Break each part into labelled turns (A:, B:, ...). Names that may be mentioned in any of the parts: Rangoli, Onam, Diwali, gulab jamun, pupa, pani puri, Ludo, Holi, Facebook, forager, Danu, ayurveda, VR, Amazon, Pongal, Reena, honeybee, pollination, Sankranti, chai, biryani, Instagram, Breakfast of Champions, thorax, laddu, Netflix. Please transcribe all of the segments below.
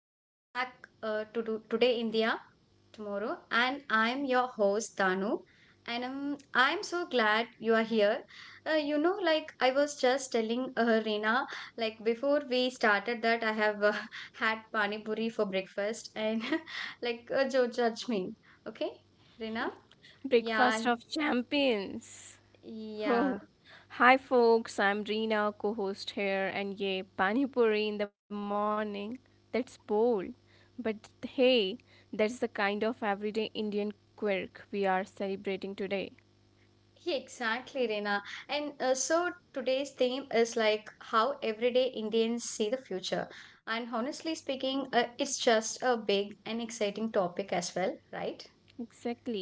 A: welcome back to do Today India tomorrow, and I'm your host Danu, and I'm so glad you are here. Like I was just telling Reena, like before we started that I have had pani puri for breakfast, and like don't judge me, okay, Reena?
B: Breakfast
A: Yeah,
B: of Champions. Oh.
A: yeah.
B: Hi, folks. I'm Reena, co host here, and yay, pani puri in the morning. That's bold. But hey, that's the kind of everyday Indian quirk we are celebrating today.
A: Yeah, exactly, Reena. And So today's theme is like how everyday Indians see the future. And honestly speaking, it's just a big and exciting topic as well, right?
B: Exactly.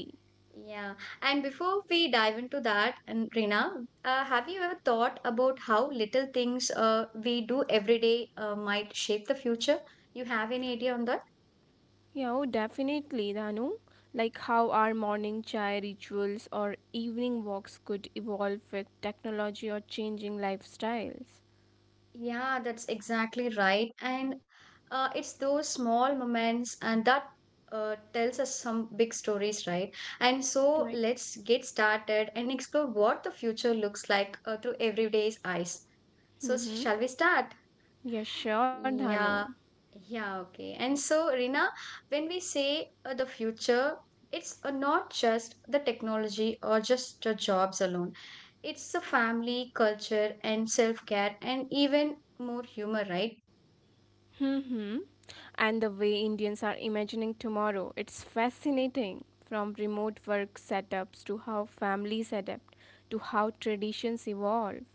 A: Yeah. And before we dive into that, and Reena, have you ever thought about how little things we do every day might shape the future? You have any idea on that?
B: Yeah, oh, definitely, Danu. Like how our morning chai rituals or evening walks could evolve with technology or changing lifestyles.
A: Yeah, that's exactly right. And it's those small moments and that tells us some big stories, right? And so
B: Right.
A: let's get started and explore what the future looks like through everyday's eyes. So,
B: Mm-hmm.
A: shall we start?
B: Yeah, sure, Dhanu.
A: Yeah, yeah, okay. And so, Rina, when we say the future, it's not just the technology or just the jobs alone. It's the family, culture, and self-care, and even more humor, right?
B: Hmm. And the way Indians are imagining tomorrow, it's fascinating. From remote work setups to how families adapt, to how traditions evolve,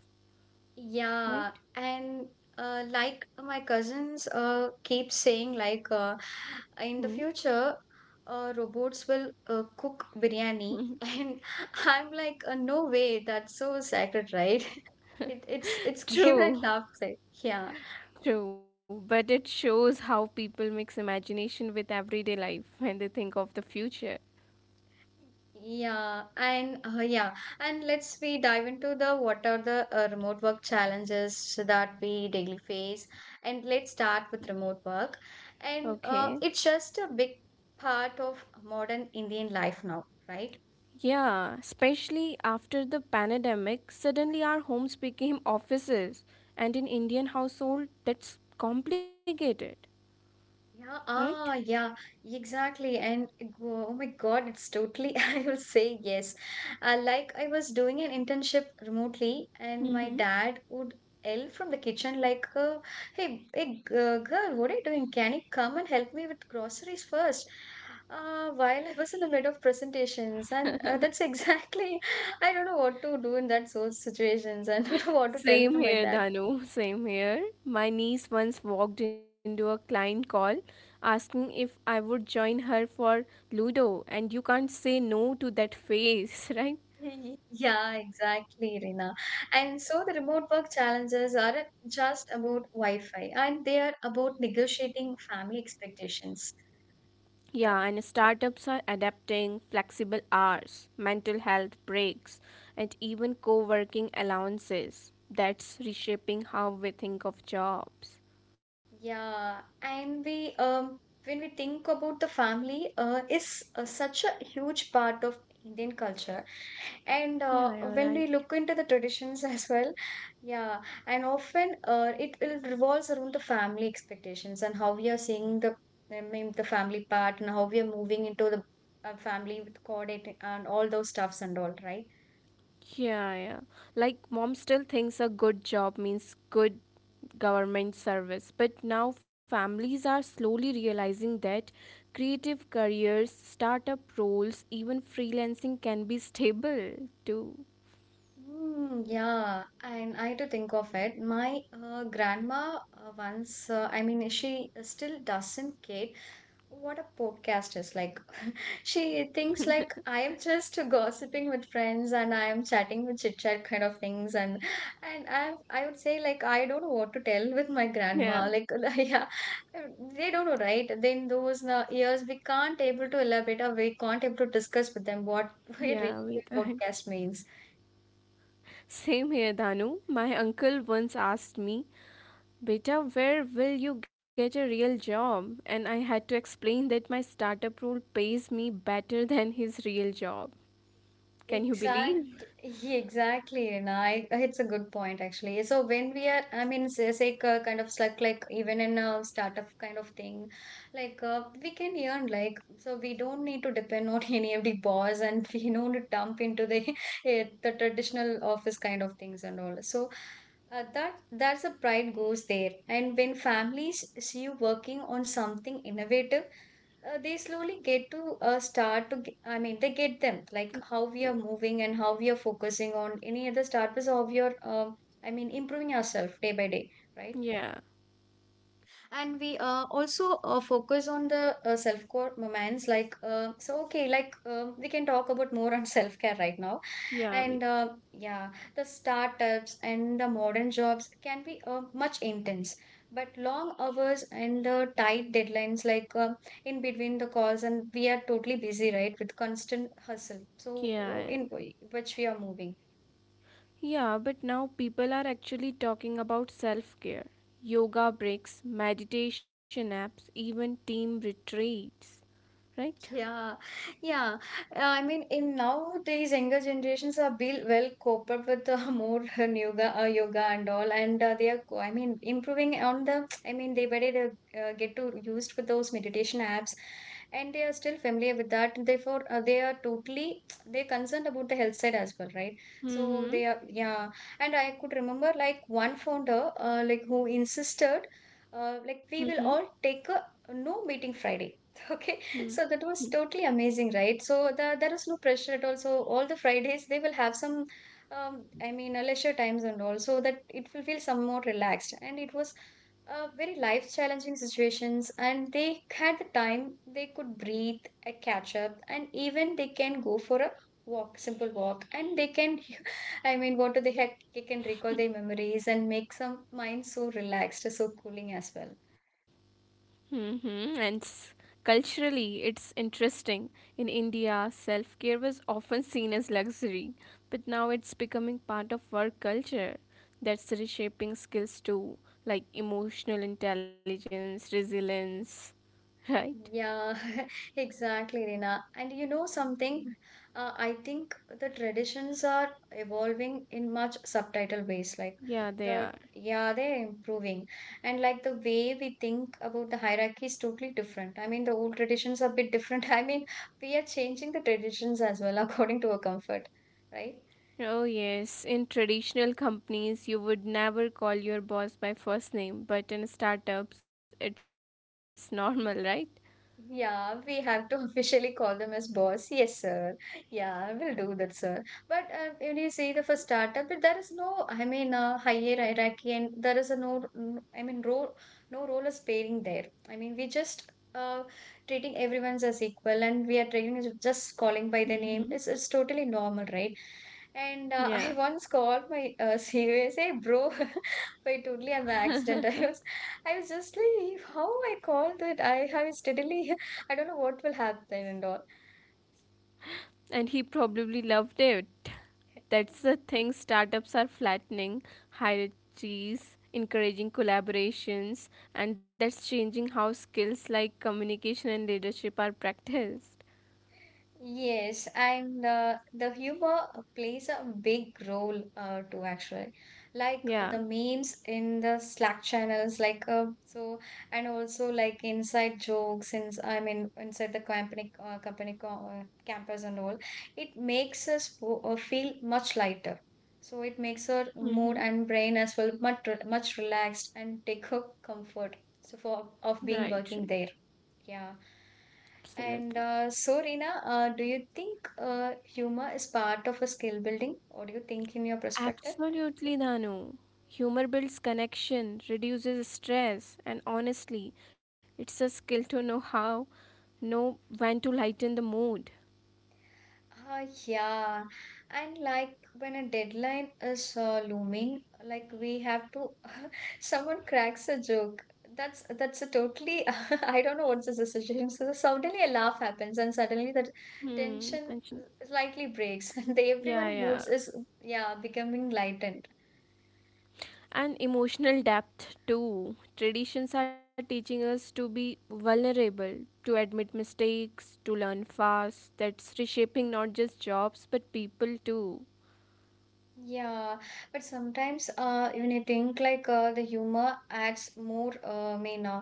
A: Yeah,
B: right?
A: and like my cousins keep saying, like
B: Hmm.
A: in the future, robots will cook biryani, and I'm like, no way, that's so sacred, right? It's give and
B: True,
A: laugh side. Yeah.
B: true. But it shows how people mix imagination with everyday life when they think of the future.
A: Yeah, and and let's we dive into the what are the remote work challenges that we daily face, and let's start with remote work, and
B: Okay.
A: it's just a big part of modern Indian life now, right?
B: Yeah, especially after the pandemic, suddenly our homes became offices. And in Indian household, that's complicated,
A: Yeah,
B: right?
A: yeah, exactly. And oh my God, it's totally, I will say yes. Like I was doing an internship remotely, and my
B: Mm-hmm.
A: dad would yell from the kitchen, like, hey, hey, girl, what are you doing? Can you come and help me with groceries first? While I was in the middle of presentations, and that's exactly, I don't know what to do in that sort of situations. I don't know what to tell to
B: Same
A: my
B: here,
A: dad.
B: Dhanu. Same here. My niece once walked into a client call asking if I would join her for Ludo, and you can't say no to that face, right?
A: Yeah, exactly, Rina. And so the remote work challenges aren't just about Wi-Fi, and they are about negotiating family expectations, right?
B: Yeah, and startups are adapting flexible hours, mental health breaks, and even co working allowances. That's reshaping how we think of jobs.
A: Yeah, and we when we think about the family is such a huge part of Indian culture. And
B: Yeah, you're right.
A: when we look into the traditions as well, yeah, and often it revolves around the family expectations and how we are seeing the I mean, the family part and how we are moving into the family with coordinating and all those stuffs and all, right?
B: Yeah, yeah. Like mom still thinks a good job means good government service, but now families are slowly realizing that creative careers, startup roles, even freelancing can be stable too.
A: Yeah, and I had to think of it. My grandma once, I mean, she still doesn't get what a podcast is like. She thinks like I am just gossiping with friends and I am chatting with chit chat kind of things, and I would say like I don't know what to tell with my
B: Yeah.
A: grandma. Like yeah, they don't know, right? Then those years we can't able to elaborate or we can't able to discuss with them what we
B: Yeah,
A: really
B: we can.
A: podcast means.
B: Same here, Danu. My uncle once asked me, Beta, where will you get a real job? And I had to explain that my startup role pays me better than his real job. Can you believe?
A: Yeah, exactly. And I, it's a good point actually. So when we are, I mean, kind of stuck, like even in a startup kind of thing, like we can earn, like so we don't need to depend on any of the boss, and we don't need to dump into the the traditional office kind of things and all. So that's a pride goes there. And when families see you working on something innovative they slowly get to I mean they get them
B: Okay.
A: like how
B: Yeah,
A: we are moving and how we are focusing on any other start was of your I mean improving yourself day by day, right?
B: yeah,
A: And we also focus on the self care moments like we can talk about more on self care right now,
B: yeah,
A: and
B: we,
A: yeah, the startups and the modern jobs can be much intense, but long hours and the tight deadlines like in between the calls and we are totally busy right with constant hustle, so
B: yeah,
A: in which we are moving.
B: yeah. But now people are actually talking about self care, yoga breaks, meditation apps, even team retreats, right?
A: Yeah, yeah. I mean, in nowadays, younger generations are be well cope up with more yoga and all, and they are, I mean, improving on the. I mean, they very they get to used with those meditation apps, and they are still familiar with that. Therefore, they are totally they're concerned about the health side as well, right? So
B: Mm-hmm.
A: they are, yeah. And I could remember like one founder, like who insisted, like we will all take a no meeting Friday. Okay, so that
B: Mm-hmm.
A: was totally amazing, right? So the, there was no pressure at all. So all the Fridays they will have some, I mean, leisure times and all, so that it will feel somewhat relaxed. And it was very life challenging situations, and they had the time. They could breathe, catch up, and even they can go for a walk, simple walk, and they can, I mean, what do they have? They can recall their memories and make some mind so relaxed, so cooling as well.
B: Mm-hmm. Culturally, it's interesting. In India, self care was often seen as luxury, but now it's becoming part of work culture. That's reshaping skills too, like emotional intelligence, resilience, right?
A: Yeah, exactly, Rina. And you know something? I think the traditions are evolving in much subtitle ways. Like
B: Yeah, they are.
A: the yeah, they're improving, and like the way we think about the hierarchy is totally different. I mean, the old traditions are a bit different. I mean, we are changing the traditions as well according to our comfort, right?
B: Oh, yes. In traditional companies, you would never call your boss by first name, but in startups, it's normal, right?
A: Yeah, we have to officially call them as boss. Yes, sir. Yeah, we will do that, sir. But when you say the first startup, there is no, I mean, higher hierarchy, and there is a no, n- I mean, role, no role is pairing there. I mean, we just uh, treating everyone's as equal, and we are treating as just calling by the
B: Mm-hmm.
A: name. It's totally normal, right? And
B: Yeah.
A: I once called my CEO and say, bro, by totally an accident. I was just like, how I called it? I have steadily, I don't know what will happen and all.
B: And he probably loved it. That's the thing. Startups are flattening hierarchies, encouraging collaborations, and that's changing how skills like communication and leadership are practiced.
A: Yes, and the humor plays a big role too, actually. Like the
B: Yeah.
A: memes in the Slack channels, like and also like inside jokes, since I mean inside the company, campus and all, it makes us feel much lighter. So it makes our mood
B: Mm-hmm.
A: and brain as well much much relaxed and take a comfort. So for of being
B: Right, right.
A: working there. Yeah. And
B: Absolutely.
A: so, Reena, do you think humor is part of a skill building? What do you think in your perspective?
B: Absolutely, Dhanu. Humor builds connection, reduces stress, and honestly, it's a skill to know how, know when to lighten the mood.
A: Yeah. And like when a deadline is looming, like we have to, someone cracks a joke. That's a totally, I don't know what's the situation. So suddenly a laugh happens, and suddenly the
B: Hmm,
A: tension
B: tension.
A: slightly breaks, and the
B: Yeah,
A: everyone
B: yeah.
A: moods is yeah becoming lightened.
B: And emotional depth too. Traditions are teaching us to be vulnerable, to admit mistakes, to learn fast. That's reshaping not just jobs but people too.
A: Yeah, but sometimes even I think like the humor adds more, uh, I mean, uh,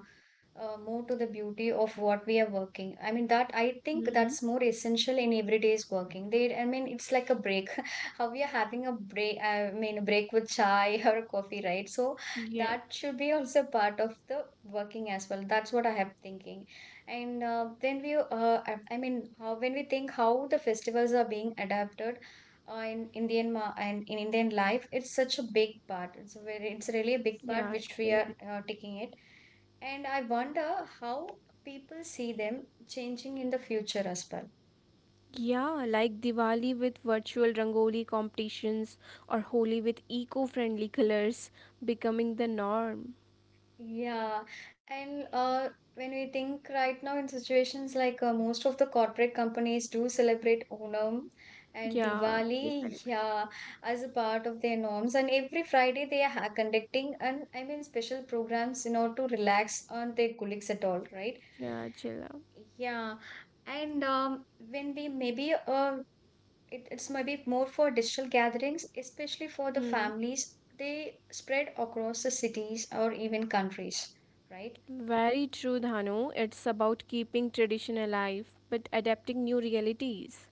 A: uh, more to the beauty of what we are working. I mean that I think that's more essential in everyday's working. They, I mean, it's like a break. How we are having a break, I mean, a break with chai or coffee, right? So that
B: Yeah,
A: should be also part of the working as well. That's what I have thinking. And when we, I mean, how when we think how the festivals are being adapted in and in Indian life, it's such a big part. It's a very, it's really a big part
B: yeah,
A: which we
B: it's
A: are
B: very big.
A: taking it, and I wonder how people see them changing in the future as well.
B: Yeah, like Diwali with virtual Rangoli competitions or Holi with eco friendly colors becoming the norm.
A: Yeah, and when we think right now in situations like most of the corporate companies do celebrate Onam and
B: Yeah, they
A: Diwali,
B: celebrate.
A: yeah, as a part of their norms. And every Friday they are conducting and I mean special programs in order to relax on their colleagues at all, right?
B: Yeah, chill out.
A: Yeah, and when we maybe it's maybe more for digital gatherings, especially for the
B: Hmm.
A: families. They spread across the cities or even countries, right?
B: Very true, Dhanu. It's about keeping tradition alive but adapting new realities.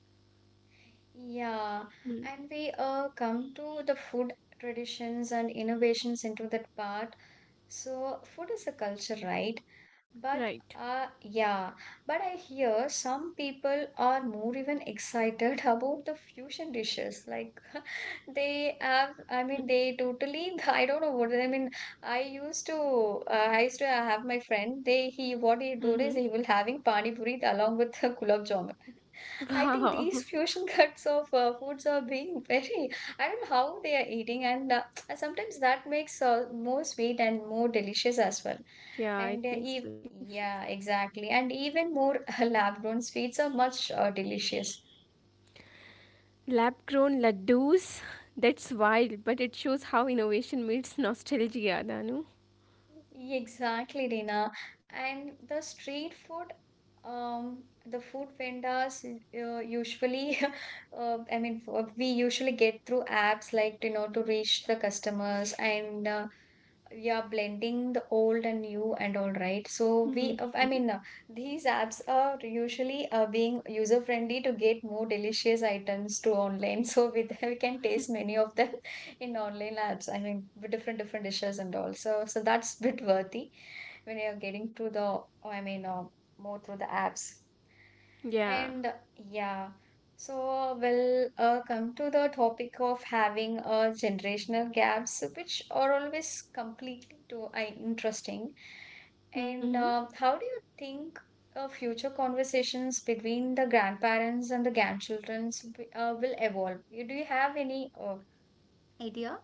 A: Yeah,
B: Hmm.
A: and we come to the food traditions and innovations into that part. So, food is a culture, right? But
B: Right.
A: uh, yeah, but I hear some people are more even excited about the fusion dishes. Like, they have, I mean, they totally. I don't know what I mean. I used to, uh, I used to have my friend. They, he, what he did
B: Mm-hmm.
A: is he will having pani puri along with the gulab jamun. I think
B: Wow.
A: these fusion cuts of foods are being very. I don't know how they are eating, and sometimes that makes more sweet and more delicious as well. And
B: Yeah, it
A: ev
B: makes delicious.
A: Yeah, exactly. And even more lab-grown sweets are much delicious.
B: Lab grown laddus. That's wild, but it shows how innovation meets nostalgia, Dhanu.
A: Exactly, Reena. And the street food, the food vendors usually, I mean, we usually get through apps like, to reach the customers. And yeah, blending the old and new and all right. So we
B: Mhm.
A: these apps are usually being user friendly to get more delicious items to online, so with we can taste many of them in online apps, I mean with different different dishes and all, so that's bit worthy when you're getting to the i mean uh, more through the apps.
B: Yeah.
A: And yeah, so we'll come to the topic of having a generational gaps, which are always completely too interesting.
B: Mm-hmm.
A: And how do you think future conversations between the grandparents and the grandchildren will evolve? Do you have any idea?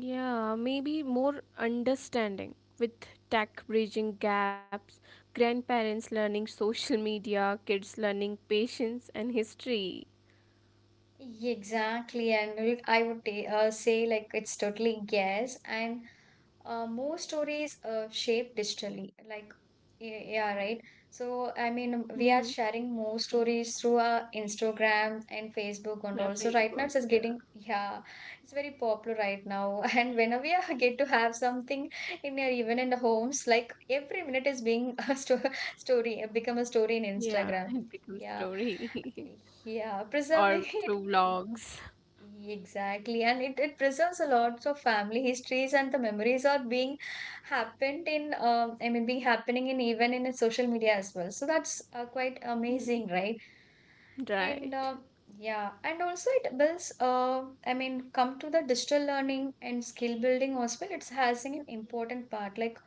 B: Yeah, maybe more understanding with tech bridging gaps, grandparents learning social media, kids learning patience and history.
A: Exactly, and I would say like it's totally guess and more stories shaped digitally, like yeah, right. So I mean we are sharing more stories through our Instagram and Facebook, and
B: Yeah,
A: also right now it's
B: Facebook.
A: getting,
B: Yeah,
A: yeah, it's very popular right now. And whenever get to have something in your even in the homes, like every minute is being a story, become a story in
B: yeah,
A: Instagram.
B: it becomes
A: Yeah,
B: story.
A: yeah,
B: Or
A: preserving
B: through
A: it.
B: vlogs.
A: Exactly, and it preserves a lots of family histories, and the memories are being happened in, I mean being happening in even in a social media as well. So that's quite
B: Mm.
A: amazing, right? And
B: Right.
A: yeah, and also it builds, I mean, come to the digital learning and skill building as well. It's having an important part. Like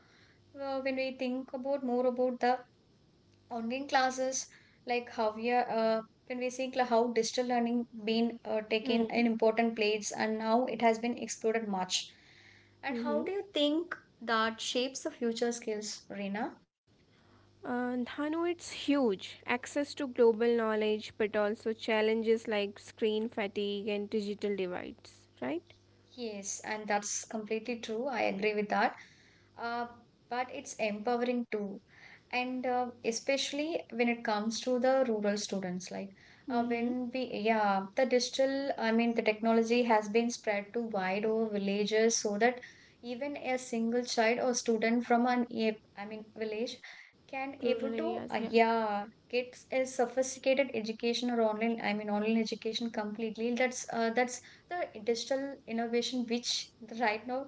A: when we think about more about the online classes, like how we are when we see how digital learning been taken an important place, and how it has been exploded much, and how do you
B: Mm-hmm.
A: think that shapes the future skills, Reena?
B: And Hanu, it's huge. Access to global knowledge, but also challenges like screen fatigue and digital divides. Right.
A: Yes, and that's completely true, I agree with that. uh, but it's empowering too. And especially when it comes to the rural students, like
B: Mm-hmm.
A: when we, yeah, the digital, I mean the technology, has been spread to wide over villages, so that even a single child or student from I mean village can
B: Rural
A: able to
B: areas. Yeah.
A: yeah, get a sophisticated education or online, I mean online education, completely. That's that's the digital innovation which right now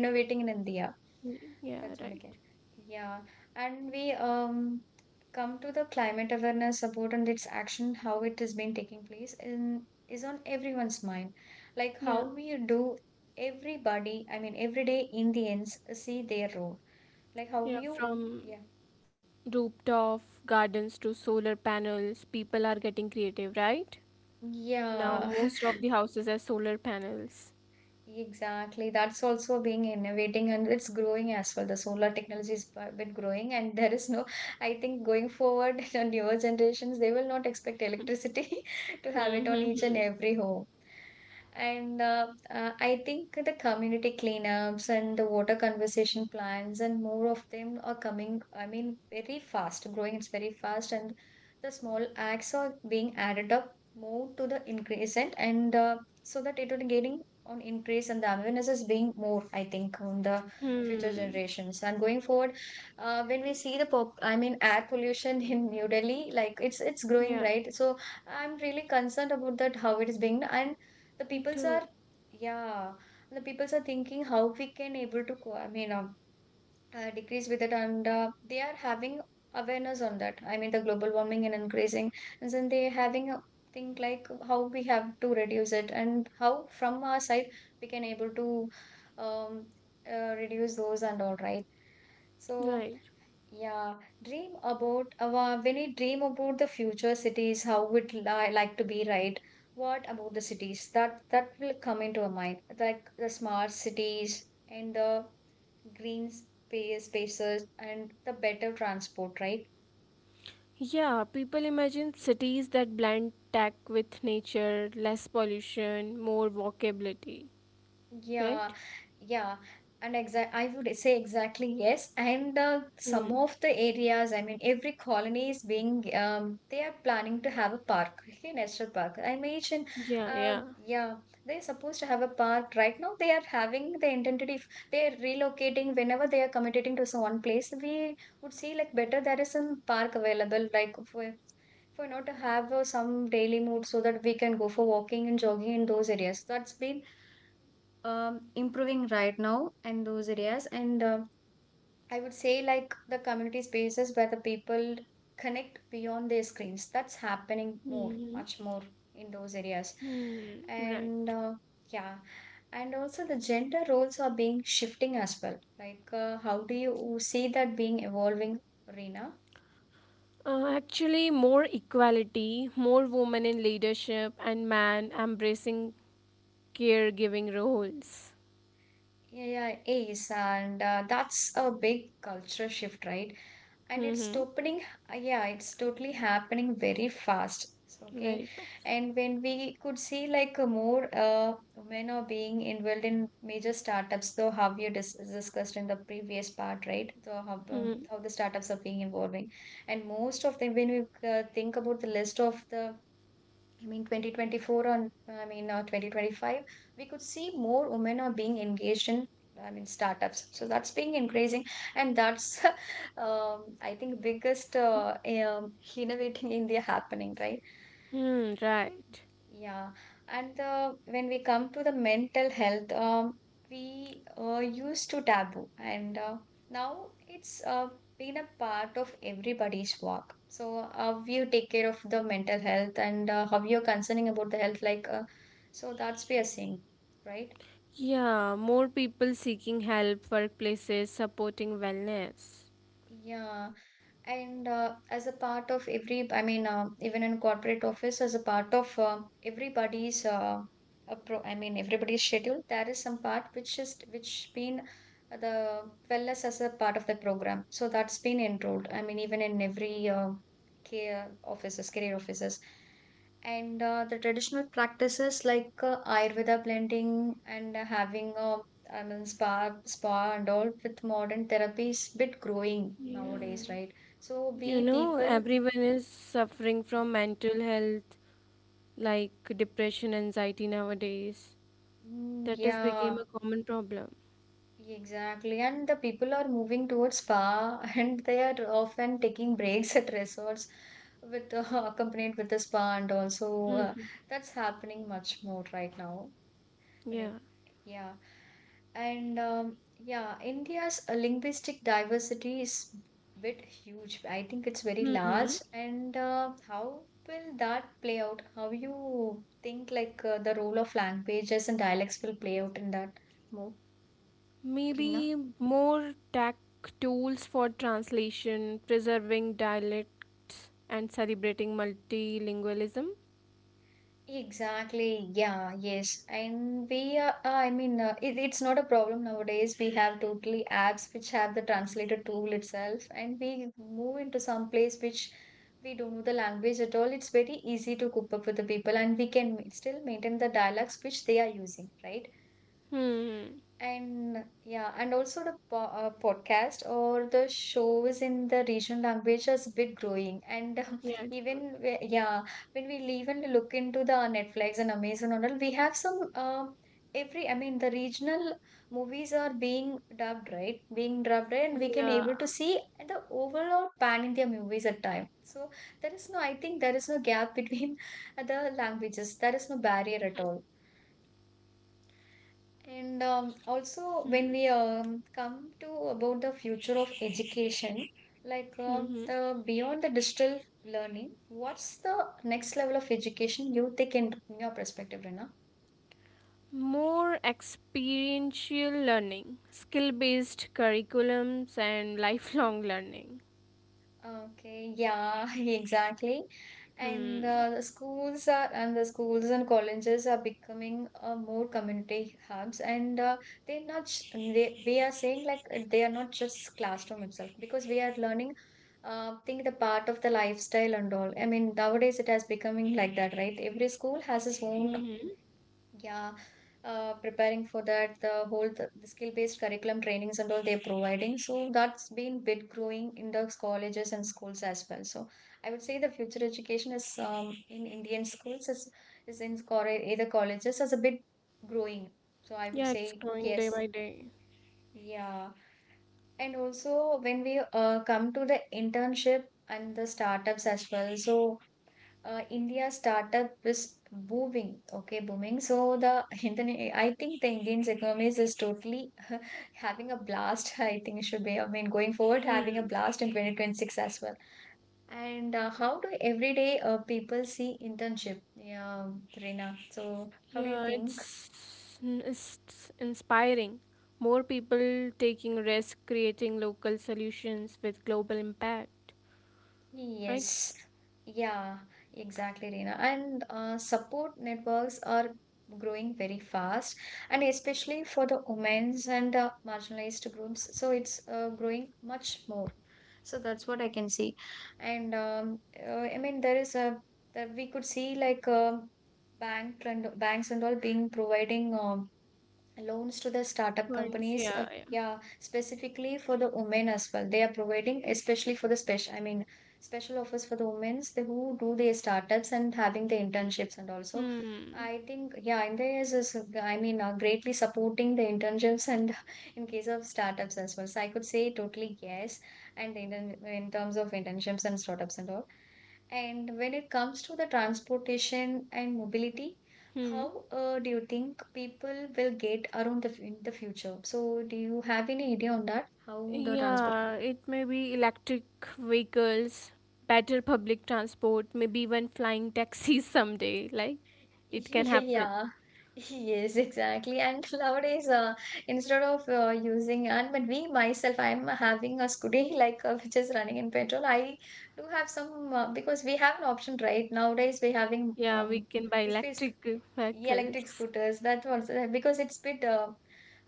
A: innovating in India.
B: Y-
A: That's
B: Yeah.
A: one,
B: Right.
A: okay. Yeah, and we come to the climate awareness support and its action, how it has been taking place in, is on everyone's mind. Like how
B: Yeah.
A: we do, everybody, I mean everyday Indians see their role. Like how
B: Yeah.
A: you, yeah.
B: From rooftop gardens to solar panels, people are getting creative. Right.
A: Yeah.
B: Now, most of the houses have solar panels.
A: Exactly. That's also being innovating and it's growing as well. The solar technology is a bit growing, and there is no, I think, going forward, the newer generations, they will not expect electricity to
B: Hmm,
A: have it on
B: hmm,
A: each and
B: hmm.
A: every home. And I think the community cleanups and the water conservation plans and more of them are coming, I mean, very fast, growing, it's very fast, and the small acts are being added up more to the increasant, and so that it would getting on increase, and the awareness is being more, I think, on the future
B: Hmm.
A: generations and going forward. When we see the pop I mean air pollution in New Delhi, like it's growing,
B: Yeah,
A: right? So I'm really concerned about that, how it is being, and the
B: me
A: peoples are,
B: too.
A: yeah, the peoples are thinking how we can able to I mean, decrease with it. And they are having awareness on that, I mean the global warming and increasing, and then they having a think, like how we have to reduce it, and how from our side we can able to, um, reduce those and all right. So
B: Right.
A: yeah, dream about our when we dream about the future cities, how would like to be, right? What about the cities that will come into our mind, like the smart cities and the green spaces and the better transport, right?
B: Yeah, people imagine cities that blend tech with nature, less pollution, more walkability,
A: Yeah,
B: right?
A: yeah, and exact I would say exactly yes. And some
B: Hmm.
A: of the areas, I mean, every colony is being, they are planning to have a park, okay, national park. I mentioned,
B: Yeah, yeah.
A: uh, yeah, they're supposed to have a park right now. They are having the intended. If they are relocating, whenever they are committing to some one place, we would see like better there is some park available, like for you know, to have some daily mood, so that we can go for walking and jogging in those areas. That's been improving right now in those areas. And I would say like the community spaces where the people connect beyond their screens, that's happening more,
B: Hmm.
A: much more in those areas.
B: Hmm.
A: And
B: Right.
A: yeah, and also the gender roles are being shifting as well, like how do you see that being evolving, Reena?
B: Actually, more equality, more women in leadership, and man embracing caregiving roles.
A: Yeah, yeah, it is, and that's a big culture shift, right? And it's
B: Mm-hmm.
A: opening yeah, it's totally happening very fast, so, okay.
B: Very fast.
A: And when we could see like more women are being involved in major startups, though how you discussed in the previous part, right? So
B: Hmm.
A: how the startups are being evolving, and most of them, when we think about the list of the, I mean, 2024 on, I mean, 2025, we could see more women are being engaged in, I mean, startups. So that's being increasing. And that's, I think, biggest innovating India happening, right?
B: Hmm. Right.
A: Yeah, and when we come to the mental health, we used to taboo, and now it's been a part of everybody's work. So, how you take care of the mental health, and how you're concerning about the health, like, so that's we are saying, right?
B: Yeah, more people seeking help, workplaces supporting wellness.
A: Yeah, and as a part of every, I mean even in corporate office, as a part of everybody's I mean everybody's schedule, there is some part which is which been the wellness, as a part of the program, so that's been enrolled, I mean even in every career offices. And the traditional practices like ayurveda blending and having a, I mean, spa and all with modern therapies, bit growing
B: Yeah. Yeah.
A: nowadays, right? So
B: You
A: we
B: know,
A: people,
B: everyone is suffering from mental health like depression, anxiety nowadays. That has become
A: yeah,
B: a common problem.
A: exactly. And the people are moving towards spa and they are often taking breaks at resorts with accompanied with the spa, and also uh,
B: Mm-hmm.
A: that's happening much more right now. Twenty-
B: Yeah.
A: Yeah. And yeah, India's linguistic diversity is bit huge. I think it's very
B: Mm-hmm.
A: large. And how will that play out? How you think like the role of languages and dialects will play out in that move, Reena?
B: Maybe more tech tools for translation, preserving dialects, and celebrating multilingualism.
A: Exactly. Yeah, yes. And we are, I mean, it's not a problem nowadays. We have totally apps which have the translator tool itself, and we move into some place which we don't know the language at all. It's very easy to cope up with the people, and we can still maintain the dialects which they are using, right?
B: Hmm.
A: And yeah, and also the po podcast or the shows in the regional language has been growing. And
B: Yeah, it's good.
A: even yeah, when we even look into the Netflix and Amazon and all, we have some every, I mean the regional movies are being dubbed, right, being dubbed right, and we can
B: Yeah.
A: able to see the overall pan India movies at time. So there is no, I think there is no gap between the languages. There is no barrier at all. And also, when
B: Hmm.
A: we come to about the future of education, like
B: Mm-hmm.
A: the beyond the digital learning, what's the next level of education you think in your perspective, Rina?
B: More experiential learning, skill based curriculums, and lifelong learning.
A: Okay, yeah, exactly. and
B: Hmm.
A: the schools are and the schools and colleges are becoming more community hubs and they're not sh- they, we are saying like they are not just classroom itself because we are learning, think the part of the lifestyle and all. I mean nowadays it has becoming like that, right? Every school has its own,
B: Mm-hmm.
A: yeah, preparing for that, the whole the skill-based curriculum trainings and all they're providing. So that's been bit growing in the colleges and schools as well. So I would say the future education is in Indian schools is either colleges as a bit growing. So I would
B: Yeah,
A: say
B: it's growing day
A: yes,
B: by day.
A: yeah. And also when we come to the internship and the startups as well. So India startup is booming. Okay, booming. So the Indian, I think the Indian's economy is totally having a blast. I think it should be. I mean, going forward, having a
B: Hmm.
A: blast in 2026 as well. And how do everyday people see internship? Yeah, Reena. So how do you
B: Yeah,
A: think?
B: it's inspiring. More people taking risk, creating local solutions with global impact. Right?
A: Yes, yeah, exactly, Reena. And support networks are growing very fast, and especially for the women's and the marginalized groups. So it's growing much more. So that's what I can see. And I mean, there is a that we could see like bank and banks and all being providing loans to the startup
B: Once,
A: companies,
B: yeah, yeah.
A: yeah, specifically for the women as well, they are providing especially for the special, I mean special offers for the women who do their startups and having the internships and also
B: Hmm.
A: I think yeah India is greatly supporting the internships and in case of startups as well, so I could say totally yes. and in, in terms of internships and startups and all, and when it comes to the transportation and mobility,
B: Hmm.
A: how do you think people will get around in the future? So, do you have any idea on that? How the transport?
B: Yeah, it may be electric vehicles, better public transport, maybe even flying taxis someday. Like, it can happen.
A: Yeah, yes, exactly. And nowadays, instead of using, and but we myself, I'm having a scooty which is running in petrol. I do have some because we have an option, right? Nowadays, we having
B: Yeah, we can buy
A: if it's
B: electric
A: Yeah, electric
B: vehicles.
A: scooters. That also because it's bit uh,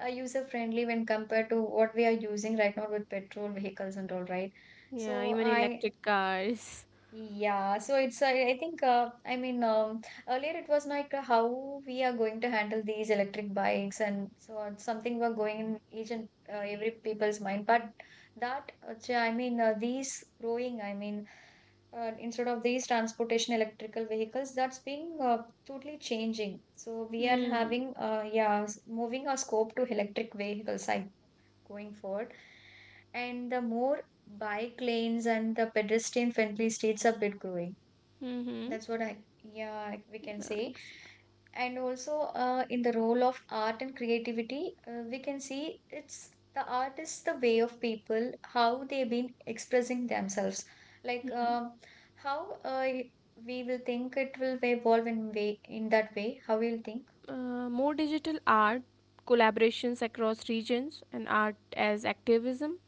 A: uh, user friendly when compared to what we are using right now with petrol vehicles and all, right?
B: Yeah,
A: So
B: even
A: I
B: electric cars.
A: yeah, so it's I think I mean earlier it was like how we are going to handle these electric bikes and so on, something were going in each and every people's mind. But that ch- I mean these growing, I mean instead of these transportation electrical vehicles, that's being totally changing. So we are
B: Mm.
A: having yeah, moving our scope to electric vehicles. I going forward and the more bike lanes and the pedestrian friendly streets are bit growing.
B: Mm-hmm.
A: That's what I yeah we can
B: Yeah,
A: say.
B: exactly.
A: And also in the role of art and creativity, we can see it's the art is the way of people how they've been expressing themselves. Like how we will think it will evolve in way in that way. How we'll think
B: More digital art, collaborations across regions, and art as activism.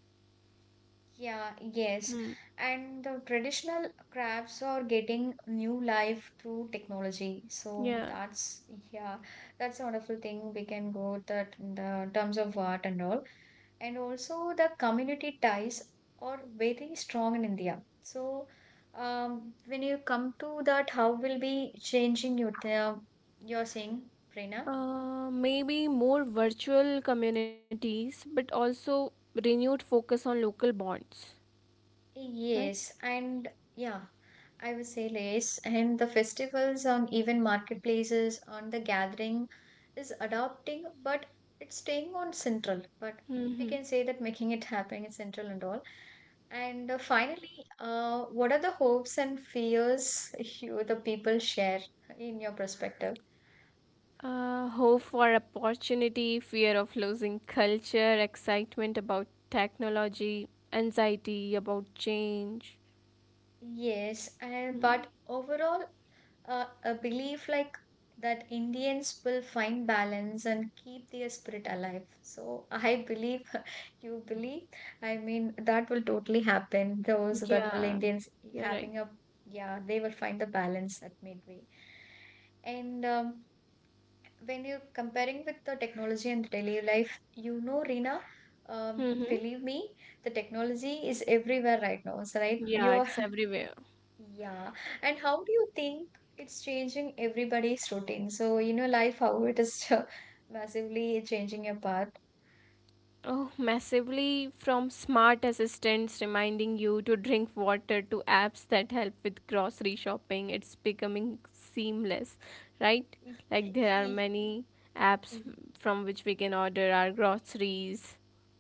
A: Yeah, yes.
B: Mm.
A: And the traditional crafts are getting new life through technology. So
B: Yeah.
A: that's, yeah, that's a wonderful thing we can go that in the terms of art and all. And also the community ties are very strong in India. So when you come to that, how will be changing your, you're saying, Prerna?
B: Maybe more virtual communities, but also renewed focus on local bonds, right?
A: Yes, and yeah, I would say yes. And the festivals on even marketplaces on the gathering is adopting, but it's staying on central. But we
B: Mm-hmm.
A: can say that making it happen in central and all. And finally, what are the hopes and fears you the people share in your perspective?
B: Hope for opportunity, fear of losing culture, excitement about technology, anxiety about change.
A: Yes, and
B: Mm.
A: but overall, a belief like that Indians will find balance and keep their spirit alive. So I believe you believe. I mean, that will totally happen. Those that will
B: Yeah,
A: Indians
B: you're right.
A: having a yeah, they will find the balance at midway. And when you're comparing with the technology and daily life, you know, Reena,
B: Mm-hmm.
A: believe me, the technology is everywhere right now. So, right,
B: Yeah,
A: you
B: it's everywhere.
A: yeah. And how do you think it's changing everybody's routine? So, you know, life, how it is massively changing your path.
B: Oh, massively. From smart assistants reminding you to drink water to apps that help with grocery shopping. It's becoming seamless, right? Like there are many apps f- from which we can order our groceries.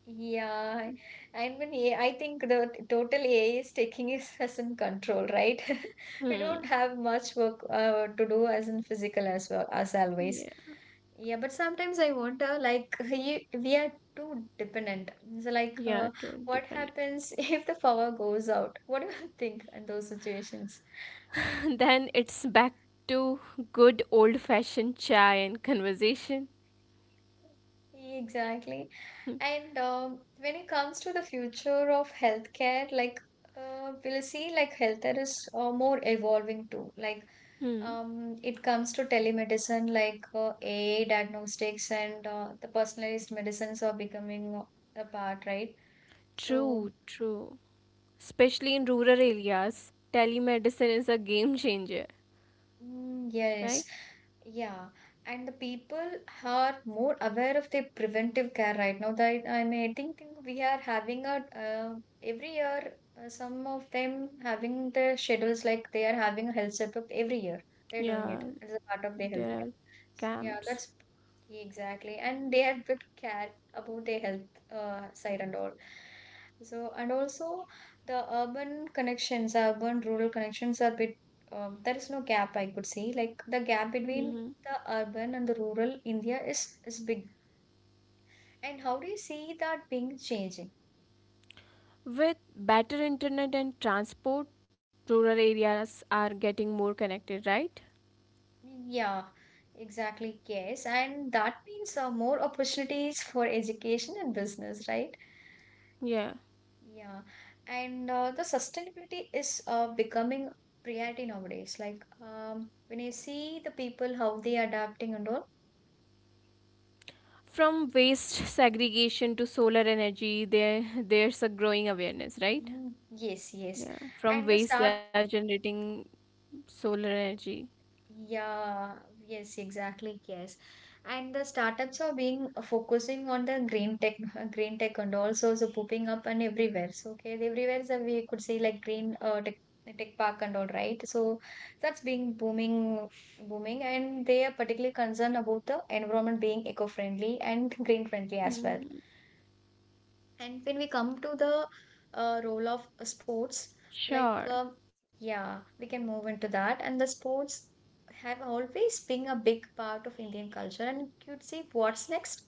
A: Yeah, I mean, yeah, I think the total AI is taking us as in control, right? We don't
B: Hmm.
A: have much work to do as in physical as well as always.
B: Yeah.
A: Yeah, but sometimes I wonder, like, you, we are too dependent. So, like,
B: Yeah, totally
A: what
B: depend.
A: happens if the power goes out? What do you think in those situations?
B: Then it's back to good old-fashioned chai and conversation.
A: Exactly. And when it comes to the future of healthcare, like we'll see, like healthcare is more evolving too. Like
B: Hmm.
A: it comes to telemedicine, like AI diagnostics and the personalized medicines are becoming a part, right? So
B: True, true. Especially in rural areas, telemedicine is a game changer,
A: mm, yes,
B: right?
A: yeah, and the people are more aware of the preventive care right now. That I mean, think we are having a every year some of them having their schedules like they are having a health checkup every year. They're doing
B: Yeah,
A: it as a part of their health
B: there
A: care.
B: are
A: So, yeah,
B: camps.
A: that's exactly, and they have bit care about their health side and all. So and also the urban connections, urban rural connections are bit there is no gap I could see. Like the gap between
B: Mhm.
A: the urban and the rural India is big. And how do you see that being changing?
B: With better internet and transport, rural areas are getting more connected, right?
A: Yeah, exactly. Yes, and that means more opportunities for education and business, right?
B: Yeah.
A: Yeah, and the sustainability is becoming priority nowadays. Like when you see the people how they are adapting and all.
B: From waste segregation to solar energy, there's a growing awareness, right?
A: Mm, yes, yes,
B: Yeah.
A: and
B: From
A: the
B: waste, they
A: start
B: are generating solar energy.
A: Yeah, yes, exactly, yes. And the startups are being focusing on the green tech, green tech and also so popping up and everywhere. So, okay, everywhere is a we could say like green tech, tech park and all, right? So that's being booming, booming, and they are particularly concerned about the environment being eco-friendly and green-friendly as well.
B: Mhm.
A: And when we come to the role of sports, like,
B: Sure.
A: yeah, we can move into that. And the sports have always been a big part of Indian culture. And you'd say, what's next?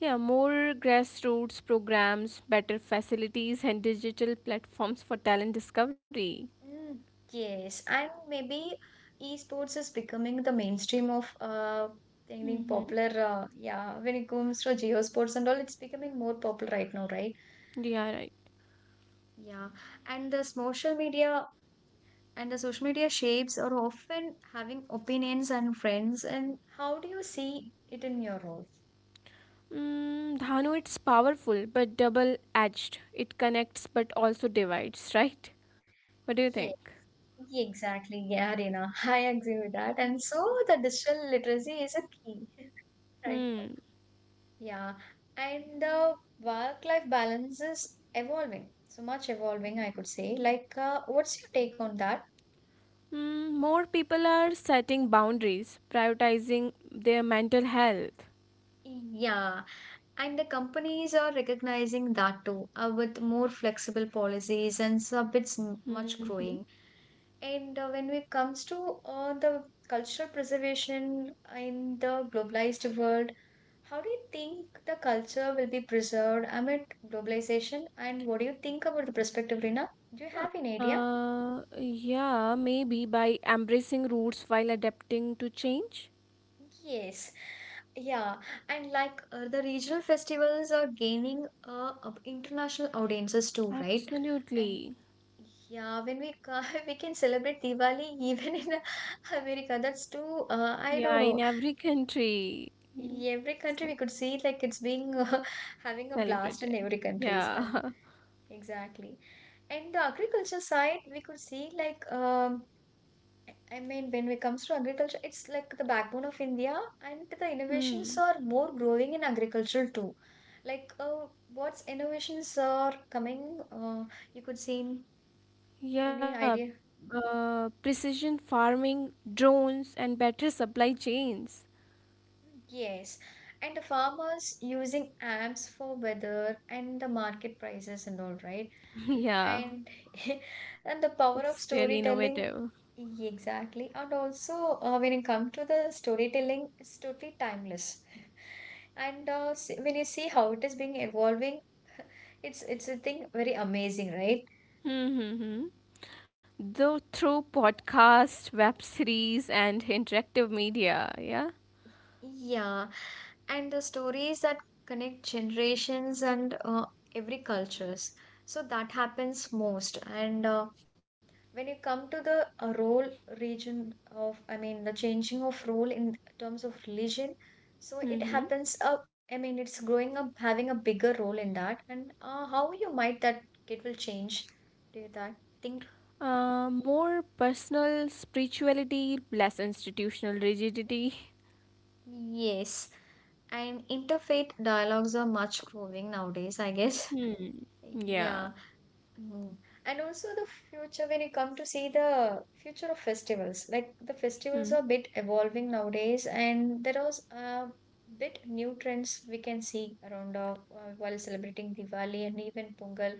B: Yeah, more grassroots programs, better facilities, and digital platforms for talent discovery.
A: Mm, yes, and maybe esports is becoming the mainstream of the
B: Mm-hmm.
A: popular. Yeah, when it comes to geosports and all, it's becoming more popular right now, right?
B: Yeah, right.
A: Yeah, and this social media and the social media shapes are often having opinions and friends and how do you see it in your role
B: Mm, Dhanu, it's powerful but double edged. It connects but also divides, right? What do you think?
A: Yeah, yeah, exactly. Yeah, Reena, I agree with that. And so the digital literacy is a key, right?
B: Hmm.
A: Yeah, and the work-life balance is evolving, so much evolving, I could say. Like, what's your take on that?
B: Mm, more people are setting boundaries, prioritizing their mental health.
A: Yeah, and the companies are recognizing that too with more flexible policies and much
B: Hmm.
A: growing. And when it comes to the cultural preservation in the globalized world, how do you think the culture will be preserved amid globalization? And what do you think about the perspective, Rina? Do you have an idea?
B: Yeah, maybe by embracing roots while adapting to change.
A: Yes. Yeah, and like the regional festivals are gaining international audiences too, right? And
B: Absolutely.
A: yeah, when we ca we can celebrate Diwali even in America, that's too I
B: Yeah,
A: don't
B: in
A: know.
B: every country, you
A: Every country
B: ce-
A: we could see like it's being having a blast
B: celebrate
A: in
B: it.
A: every countries and
B: Yeah.
A: exactly. And the agriculture side, we could see like I mean when it comes to agriculture, it's like the backbone of India, and the innovations
B: Hmm.
A: are more growing in agriculture too. Like what's innovations are coming? You could see in any
B: Yeah,
A: idea.
B: precision farming, drones, and better supply chains.
A: Yes, and the farmers using apps for weather and the market prices and all, right?
B: Yeah,
A: And and the power
B: it's
A: of
B: really
A: storytelling,
B: innovative.
A: exactly. And also, when it comes to the storytelling, it's totally timeless. And when you see how it is being evolving, it's a thing very amazing, right?
B: Mm-hmm. Though through podcast, web series, and interactive media. Yeah.
A: Yeah, and the stories that connect generations and every cultures. So that happens most, and when you come to the role region of, I mean, the changing of role in terms of religion, so it
B: Mm-hmm.
A: happens up, I mean, it's growing up, having a bigger role in that. And how you might that it will change, do you that think?
B: More personal spirituality, less institutional rigidity.
A: Yes. And interfaith dialogues are much growing nowadays, I guess.
B: Hmm.
A: Yeah.
B: Yeah.
A: Mm. And also the future when you come to see the future of festivals, like the festivals
B: Hmm.
A: are a bit evolving nowadays, and there was a bit new trends we can see around while celebrating Diwali and even Pongal,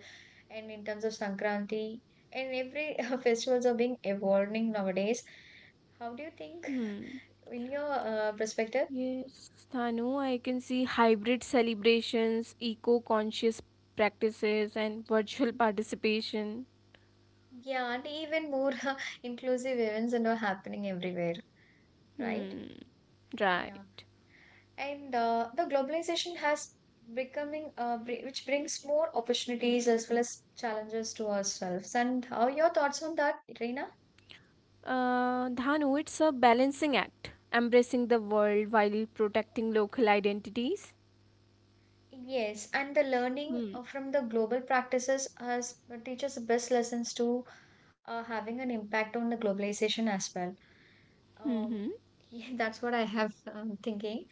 A: and in terms of Sankranti, and every festivals are being evolving nowadays. How do you think,
B: Hmm.
A: in your perspective?
B: Yes, Thanu, I can see hybrid celebrations, eco conscious practices, and virtual participation.
A: Yeah, and even more inclusive events and are happening everywhere, right?
B: Hmm,
A: Yeah.
B: right.
A: And the globalization has becoming which brings more opportunities as well as challenges to ourselves. And how are your thoughts on that, Reena?
B: Dhanu, it's a balancing act, embracing the world while protecting local identities.
A: Yes, and the learning
B: Hmm.
A: from the global practices has teaches the best lessons to having an impact on the globalization as well.
B: Mm-hmm.
A: Um, yeah, that's what I have thinking.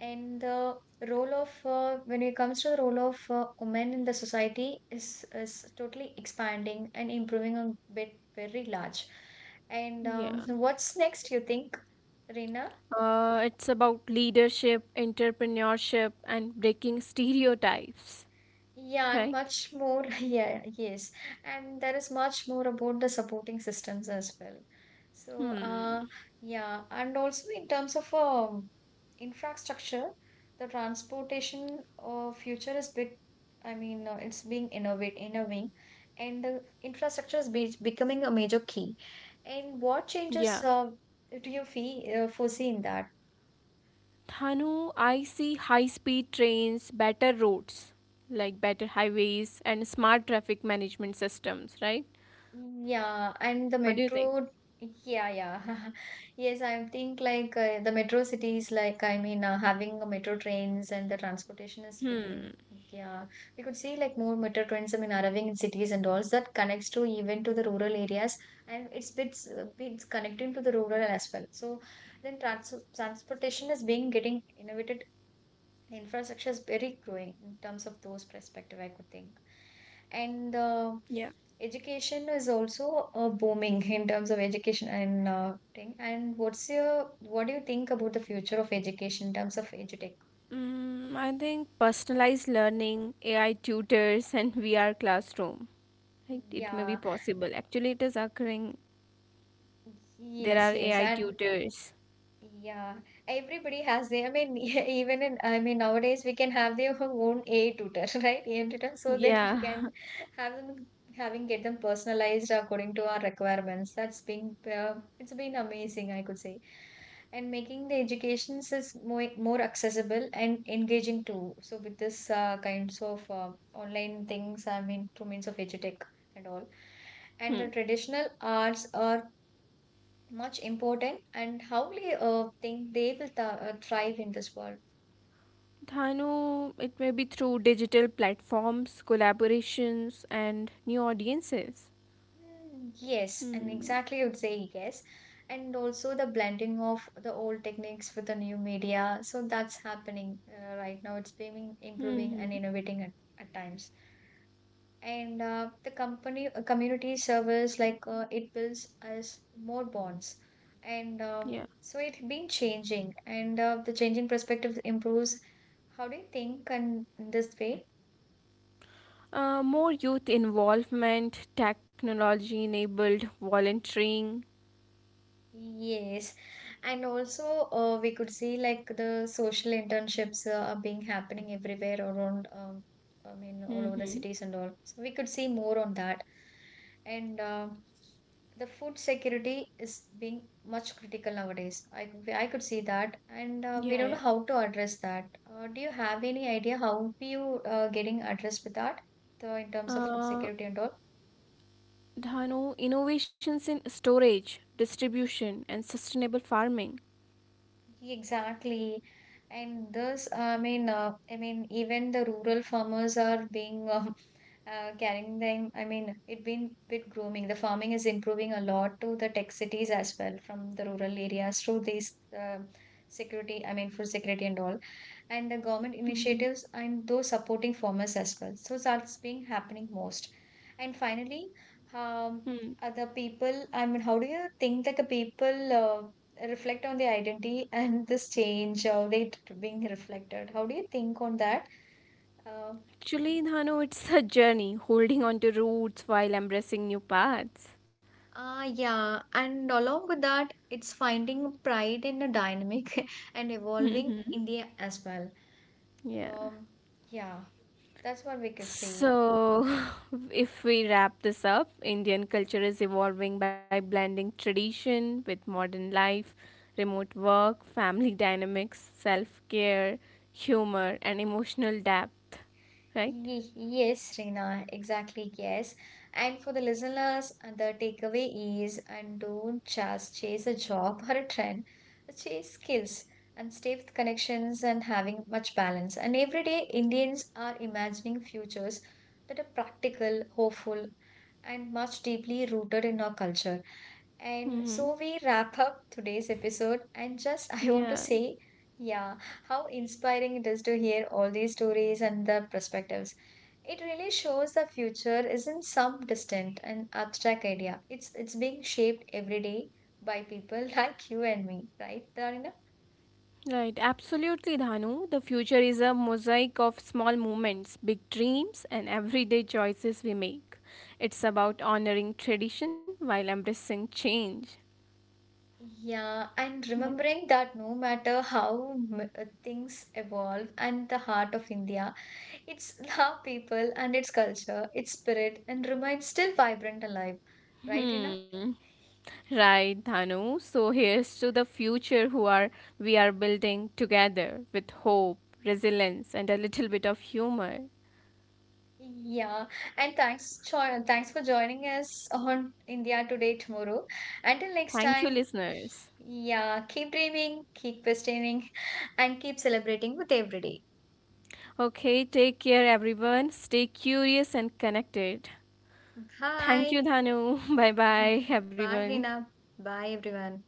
A: And the role of when it comes to the role of women in the society is totally expanding and improving a bit very large. And
B: Yeah.
A: what's next, you think, Reena?
B: It's about leadership, entrepreneurship, and breaking stereotypes,
A: Yeah, and
B: right?
A: much more. Yeah, yes. And there is much more about the supporting systems as well. So,
B: Hmm.
A: yeah, and also in terms of infrastructure, the transportation future is bit, it's being innovating, and the infrastructure is be becoming a major key. And what
B: Yeah.
A: changes do you fee foresee in that?
B: Thanu, I see high speed trains, better roads, like better highways, and smart traffic management systems, right?
A: Yeah, and
B: What
A: the
B: do you think?
A: metro, yeah, yeah. Yes, I think like the metro cities, having a metro trains and the transportation is becoming,
B: Hmm.
A: yeah. We could see like more metro trains, I mean, arriving in cities and all so that connects to even to the rural areas and it's it's connecting to the rural as well. So then transportation is being getting innovated. The infrastructure is very growing in terms of those perspective I could think, and
B: Yeah.
A: education is also booming in terms of education and thing. And what do you think about the future of education in terms of edutech?
B: Mm, I think personalized learning, AI tutors, and VR classroom. Right? It may
A: Yeah,
B: be possible. Actually, it is occurring. There
A: yes,
B: are
A: yes,
B: AI
A: I.
B: tutors.
A: Yeah, everybody has their, I mean, even in, I mean, nowadays we can have their own AI tutor, right? AI tutor, so that it
B: Yeah.
A: can have them, having get them personalized according to our requirements. That's been, it's been amazing, I could say. And making the educations is more accessible and engaging too. So with this kinds of online things, I mean, through means of edutech and all. And the
B: Hmm.
A: traditional arts or much important and how they think they will thrive in this world.
B: Thanu, it may be through digital platforms, collaborations, and new audiences.
A: Mm, yes, and
B: Hmm.
A: exactly I would say yes. And also the blending of the old techniques with the new media. So that's happening right now. It's being improving
B: Hmm.
A: and innovating at times. And the company community service like it builds us more bonds. And
B: Yeah.
A: so it's been changing and the changing perspective improves. How do you think and in this way?
B: More youth involvement, technology enabled volunteering.
A: Yes, and also we could see like the social internships are being happening everywhere around, I mean, all over the
B: Mm-hmm.
A: cities and all. So we could see more on that. And the food security is being much critical nowadays. I could see that. And we
B: Yeah,
A: don't know
B: yeah.
A: how to address that. Do you have any idea how you getting addressed with that? In terms of food
B: Uh,
A: security and all?
B: Dhanu, innovations in storage, distribution, and sustainable farming.
A: Exactly. And thus, even the rural farmers are being carrying them. I mean, it been bit grooming. The farming is improving a lot to the tech cities as well from the rural areas through these security. I mean, for security and all, and the government
B: Mm-hmm.
A: initiatives and those supporting farmers as well. So that's being happening most. And finally, um,
B: Hmm.
A: other people, I mean, how do you think that the people reflect on the identity and this change, how they being reflected? How do you think on that? Uh,
B: Actually, Dhanu, it's a journey, holding on to roots while embracing new paths.
A: ah, yeah, and along with that, it's finding pride in the dynamic and evolving
B: Mm-hmm.
A: India as well.
B: Yeah.
A: Um, yeah, that's what we could say.
B: So, if we wrap this up, Indian culture is evolving by blending tradition with modern life, remote work, family dynamics, self care, humor, and emotional depth, right?
A: Yes, Reena, exactly. Yes. And for the listeners, the takeaway is and don't just chase a job or a trend, chase skills and stay with connections and having much balance. And every day, Indians are imagining futures that are practical, hopeful, and much deeply rooted in our culture. And
B: Mm-hmm.
A: so we wrap up today's episode. And just, I want to
B: Yeah,
A: say, yeah, how inspiring it is to hear all these stories and the perspectives. It really shows the future isn't some distant and abstract idea. It's being shaped every day by people like you and me, right, Darina?
B: right. Absolutely, Dhanu. The future is a mosaic of small moments, big dreams, and everyday choices we make. It's about honoring tradition while embracing change,
A: Yeah, and
B: right?
A: remembering that no matter how things evolve and the heart of India. It's love, people and its culture, its spirit, and remains still vibrant and alive, right, Rina?
B: Hmm. Right, Dhanu. So here's to the future who are we are building together with hope, resilience, and a little bit of humor.
A: Yeah, and thanks, thanks for joining us on India Today Tomorrow. Until next
B: Thank you,
A: time,
B: listeners.
A: yeah, keep dreaming, keep questioning, and keep celebrating with every day.
B: Okay, take care, everyone. Stay curious and connected. Thank you,
A: Bye.
B: Dhanu. Bye bye,
A: Bye,
B: everyone.
A: Rina. Bye, everyone.